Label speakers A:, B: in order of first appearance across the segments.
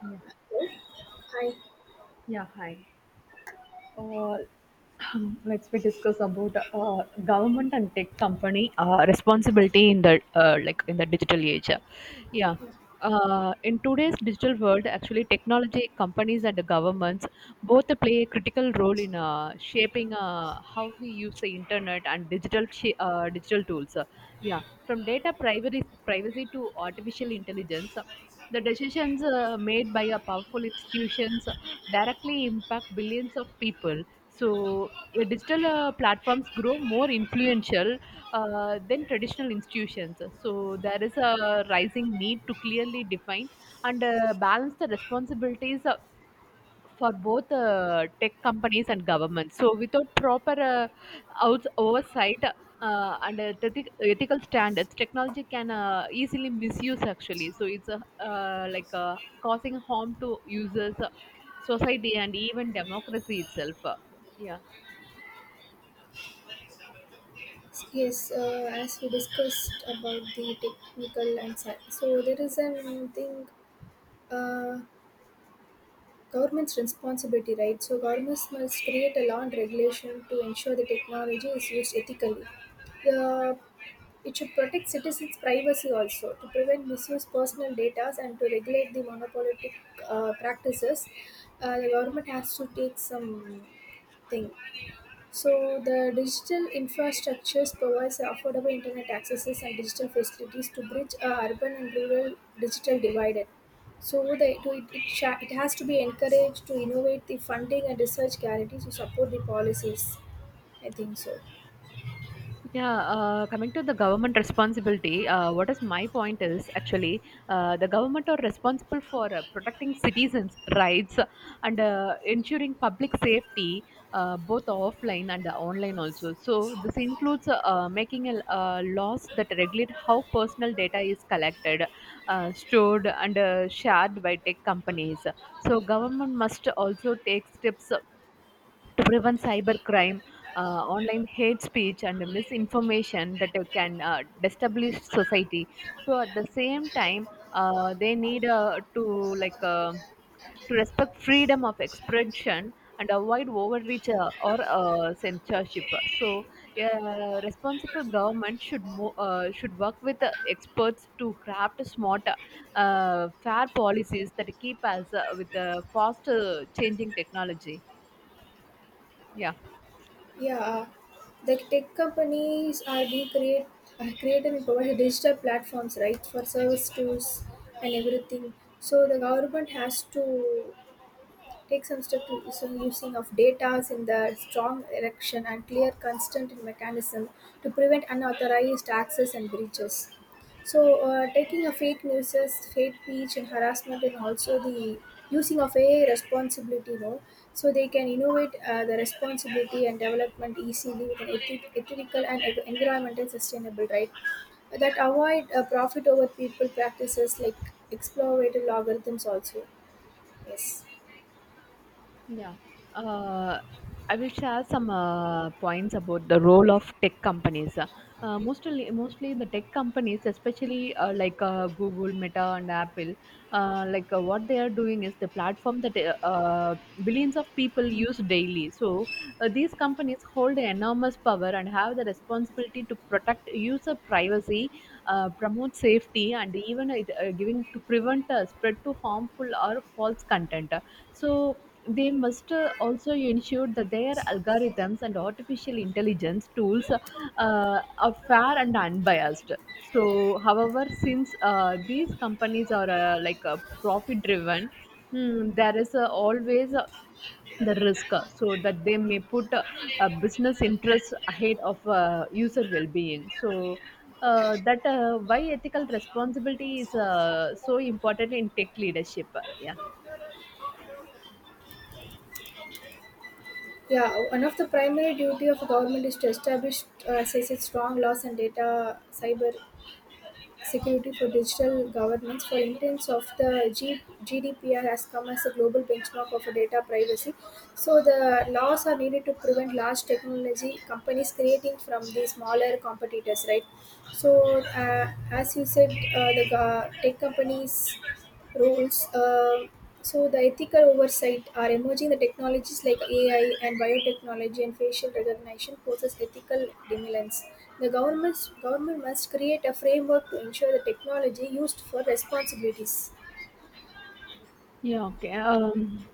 A: Yeah,
B: Hi.
A: yeah, hi. Uh, let's we discuss about government and tech company responsibility in the digital age. Yeah. In today's digital world, actually, technology companies and the governments both play a critical role in shaping how we use the internet and digital tools. Yeah, from data privacy to artificial intelligence, the decisions made by a powerful institutions directly impact billions of people. So digital platforms grow more influential than traditional institutions. So there is a rising need to clearly define and balance the responsibilities for both tech companies and governments. So, without proper oversight and ethical standards, technology can easily misuse actually. So, it's causing harm to users, society, and even democracy itself. Yeah.
B: Yes, as we discussed about the technical and so there is an thing, uh, government's responsibility, right? So governments must create a law and regulation to ensure the technology is used ethically. The it should protect citizens' privacy also to prevent misuse personal data and to regulate the monopolistic practices. The government has to take some thing. So the digital infrastructures provides affordable internet accesses and digital facilities to bridge a urban and rural digital divide. So the, to it it has to be encouraged to innovate the funding and research guarantees to support the policies. I think so.
A: Yeah, coming to the government responsibility, what is my point is actually the government are responsible for protecting citizens' rights and ensuring public safety, both offline and online also. So this includes making laws that regulate how personal data is collected, stored, and shared by tech companies. So government must also take steps to prevent cybercrime, online hate speech, and misinformation that can destabilize society. So at the same time, they need like uh, to respect freedom of expression and avoid overreach or censorship. So responsible government should work with experts to craft smart, fair policies that keep us with the fast changing technology. Yeah.
B: Yeah, the tech companies are being create create and provide digital platforms right for service tools and everything. So the government has to take some steps to some using of data in the strong erection and clear constant mechanism to prevent unauthorized access and breaches. So, taking a fake news, hate speech, and harassment, and also the using of AI responsibility, you so they can innovate the responsibility and development easily with an ethical and environmental sustainable, right? That avoid profit over people practices like exploitative algorithms also. Yes.
A: Yeah. Uh, I will share some points about the role of tech companies. Mostly the tech companies, especially Google, Meta, and Apple, what they are doing is the platform that uh, billions of people use daily. So these companies hold enormous power and have the responsibility to protect user privacy, promote safety, and even giving to prevent spread to harmful or false content. So they must also ensure that their algorithms and artificial intelligence tools are fair and unbiased. So, however, since these companies are profit driven, there is always the risk so that they may put a business interest ahead of user well-being. So that why ethical responsibility is so important in tech leadership. Yeah.
B: Yeah, one of the primary duty of a government is to establish, as I said, strong laws and data cyber security for digital governance. For intents of the GDPR has come as a global benchmark of data privacy. So the laws are needed to prevent large technology companies creating from the smaller competitors, right? So as you said, the tech companies roles. So the ethical oversight are emerging. The technologies like AI and biotechnology and facial recognition poses ethical demands. The government must create a framework to ensure the technology used for responsibilities.
A: Yeah, okay.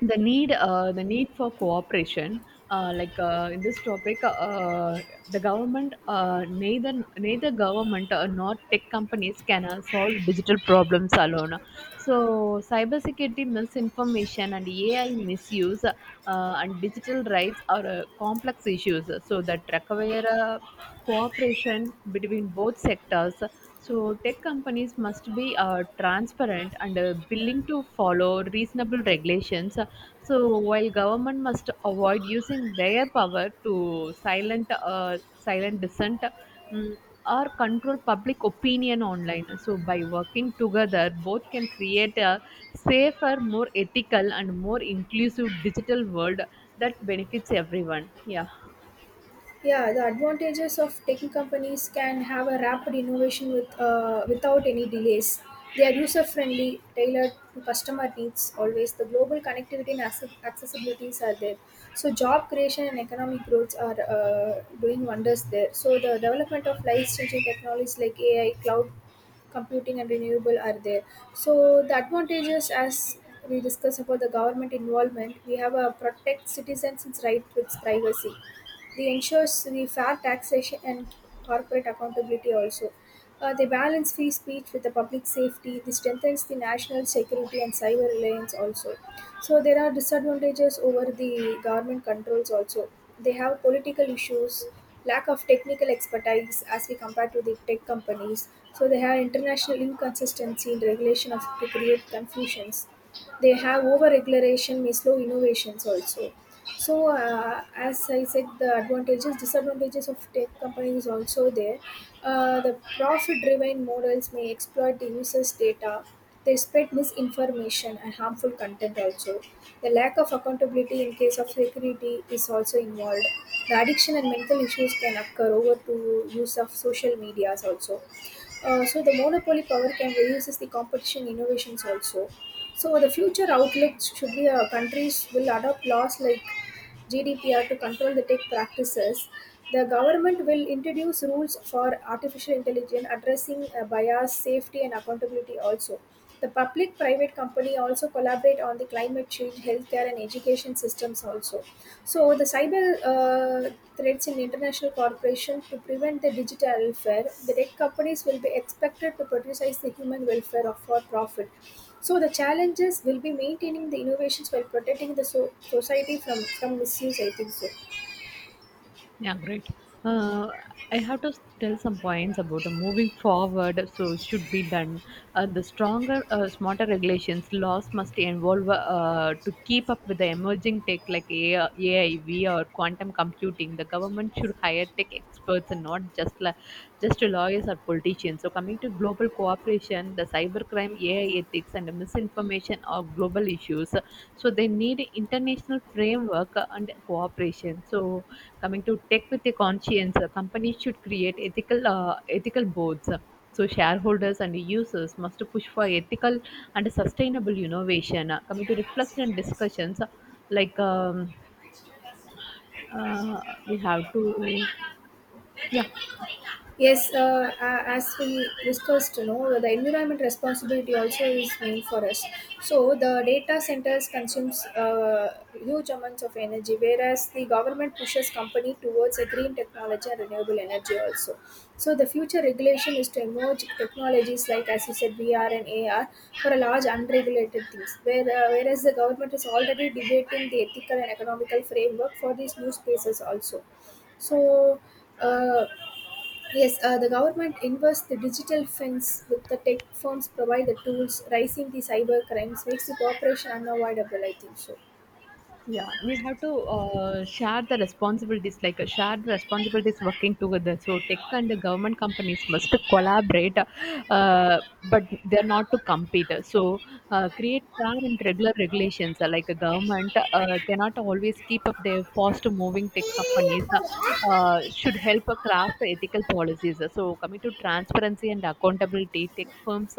A: The need for cooperation, in this topic, the government, uh, neither neither government nor tech companies can solve digital problems alone. So, cybersecurity misinformation and AI misuse, and digital rights are complex issues. So that require cooperation between both sectors. So tech companies must be transparent and willing to follow reasonable regulations. So while government must avoid using their power to silent dissent. mm, or control public opinion online. So, by working together, both can create a safer, more ethical, and more inclusive digital world that benefits everyone. Yeah.
B: Yeah, the advantages of tech companies can have a rapid innovation with without any delays. They are user friendly, tailored to customer needs. Always, the global connectivity and accessibilities are there. So, job creation and economic growth are doing wonders there. So, the development of life-changing technologies like AI, cloud computing, and renewable are there. So, the advantages as we discuss about the government involvement, we have a protect citizens' rights with privacy they ensures the fair taxation and corporate accountability also. They balance free speech with the public safety. This strengthens the national security and cyber reliance also. So there are disadvantages over the government controls also. They have political issues, lack of technical expertise as we compare to the tech companies. So they have international inconsistency in regulation of to create confusions they have over regulation may slow innovations also. So as I said, the advantages disadvantages of tech companies also there. The profit driven models may exploit the users data. They spread misinformation and harmful content also. The lack of accountability in case of security is also involved. The addiction and mental issues can occur over to use of social medias also. So the monopoly power can reduces the competition innovations also. So the future outlook should be countries will adopt laws like GDPR to control the tech practices, the government will introduce rules for artificial intelligence addressing bias, safety, and accountability also. The public private company also collaborate on the climate change, healthcare, and education systems also. So the cyber threats in international corporation to prevent the digital welfare, the tech companies will be expected to prioritize the human welfare of for profit. So the challenges will be maintaining the innovations while protecting the society from misuse. I think so.
A: Yeah, great. Uh, I have to tell some points about moving forward. So it should be done. The stronger, smarter regulations laws must involve to keep up with the emerging tech like AI, AI, VR, quantum computing. The government should hire tech experts and not just like just to lawyers or politicians. So, coming to global cooperation, the cybercrime, AI ethics, and misinformation are global issues. So, they need international framework and cooperation. So, coming to tech with a conscience, companies should create ethical boards. So shareholders and users must push for ethical and sustainable innovation. Coming to reflection and discussions, like um, uh, we have to, yeah.
B: Yes, as we discussed, you know, the environment responsibility also is main for us. So the data centers consumes huge amounts of energy, whereas the government pushes company towards a green technology and renewable energy also. So the future regulation is to emerge technologies like, as you said, VR and AR for a large unregulated things, whereas the government is already debating the ethical and economical framework for these new spaces also. So uh, Yes, the government invests the digital fence with the tech firms provide the tools, rising the cyber crimes makes the cooperation unavoidable, I think so.
A: Yeah, we have to share the responsibilities, share the responsibilities working together. So tech and the government companies must collaborate, but they're not to compete. So create fair and regular regulations. A government cannot always keep up their fast-moving tech companies. Should help craft ethical policies. So coming to transparency and accountability, tech firms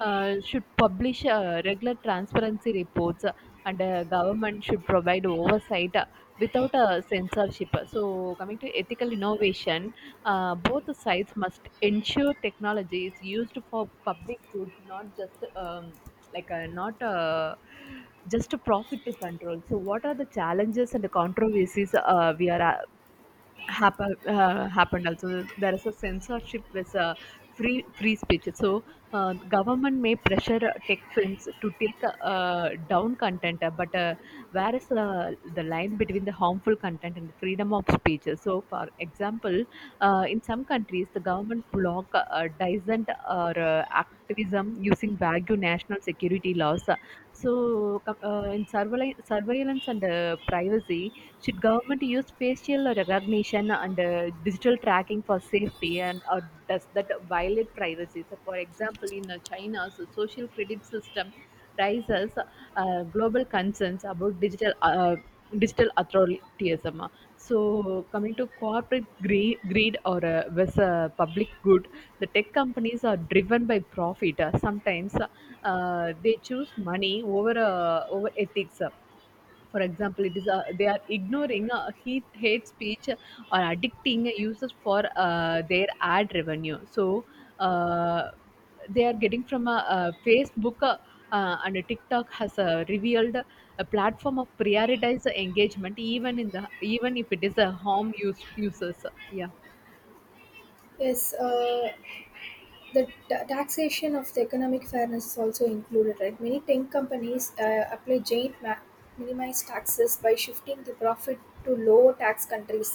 A: should publish regular transparency reports and government should provide oversight without censorship. So, coming to ethical innovation, both the sides must ensure technology is used for public good, not just like not just a profit to control. So, what are the challenges and the controversies we are happened also. There is a censorship with free speech. So government may pressure tech films to take down content, but where is the line between the harmful content and freedom of speech? So, for example, in some countries the government block dissent or activism using vague national security laws. So in surveillance and privacy, should government use facial recognition and digital tracking for safety, and or does that violate privacy? So, for example, in China's social credit system raises global concerns about digital authoritarianism. So coming to corporate greed or with public good, the tech companies are driven by profit. Sometimes they choose money over ethics. For example, it is they are ignoring hate speech or addicting users for their ad revenue. So uh, they are getting from a Facebook, and a TikTok has revealed a platform of prioritized engagement, even in the even if it is a harm use users. Yeah.
B: Yes, the ta taxation of the economic fairness is also included, right? Many tech companies apply giant minimized taxes by shifting the profit to low tax countries.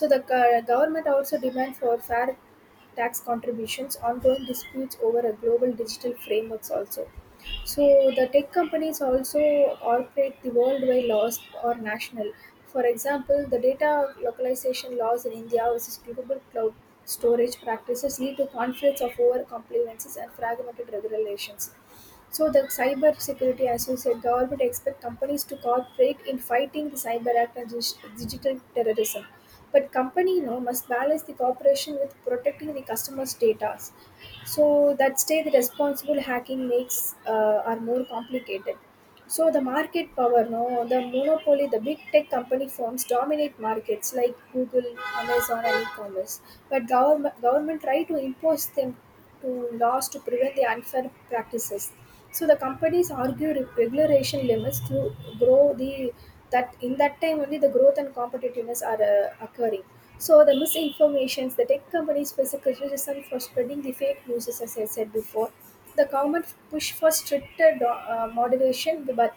B: So the government also demand for fair tax contributions, ongoing disputes over a global digital frameworks also. So the tech companies also operate the worldwide laws or national. For example, the data localization laws in India versus global cloud storage practices lead to conflicts of over compliances and fragmented regulations. So the cyber security, as you said, government expect companies to cooperate in fighting the cyber act and digital terrorism. But company you know, must balance the cooperation with protecting the customers' data. So that day, the responsible hacking makes are more complicated. So the market power, no, the monopoly, the big tech company firms dominate markets like Google, Amazon, and e-commerce. But government try to impose them to laws to prevent the unfair practices. So the companies argue regulation limits to grow the that in that time only the growth and competitiveness are occurring. So the misinformations, the tech companies face a criticism for spreading the fake news, as I said before the government pushed for stricter moderation, but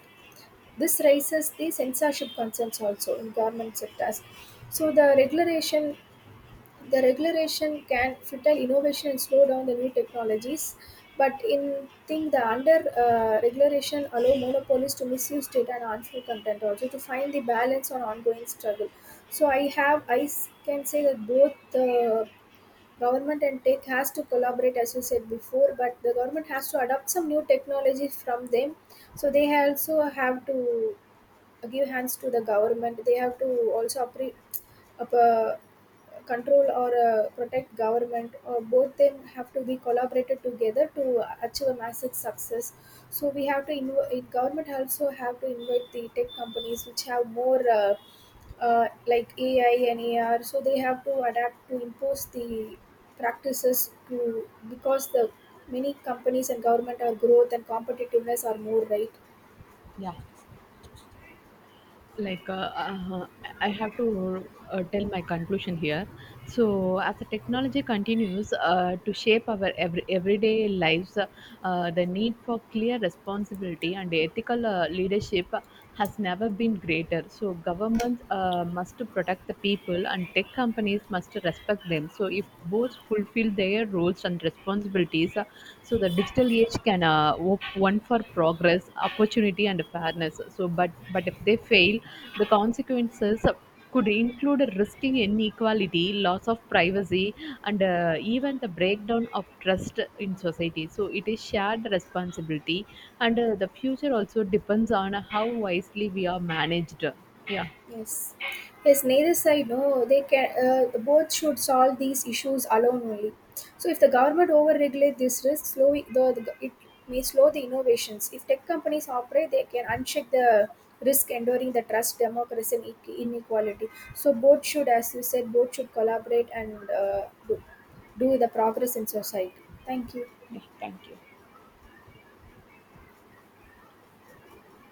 B: this raises the censorship concerns also in government sectors. So the regulation can filter innovation and slow down the new technologies. But in thing, the under regulation allow monopolies to misuse data and harmful content also to find the balance on ongoing struggle. So I can say that both the government and tech has to collaborate as you said before, but the government has to adopt some new technologies from them. So they also have to give hands to the government. They have to also up, uh, control or protect government or both them have to be collaborated together to achieve a massive success. So we have to invite government, also have to invite the tech companies which have more like AI and AR, so they have to adapt to impose the practices to because the many companies and government are growth and competitiveness are more, right?
A: Yeah. like uh, uh, I have to tell my conclusion here. So as the technology continues to shape our everyday lives, the need for clear responsibility and ethical leadership has never been greater. So governments must protect the people, and tech companies must respect them. So if both fulfill their roles and responsibilities. So the digital age can one for progress, opportunity, and fairness. So, but if they fail, the consequences could include risking inequality, loss of privacy, and even the breakdown of trust in society. So it is shared responsibility, and the future also depends on how wisely we are managed. Yeah.
B: Yes, yes. Neither side, no. They can both should solve these issues alone only. So if the government overregulate this risk, slow the it may slow the innovations. If tech companies operate, they can uncheck the risk, enduring the trust, democracy, and inequality. So both should, as you said, both should collaborate and do the progress in society. Thank you.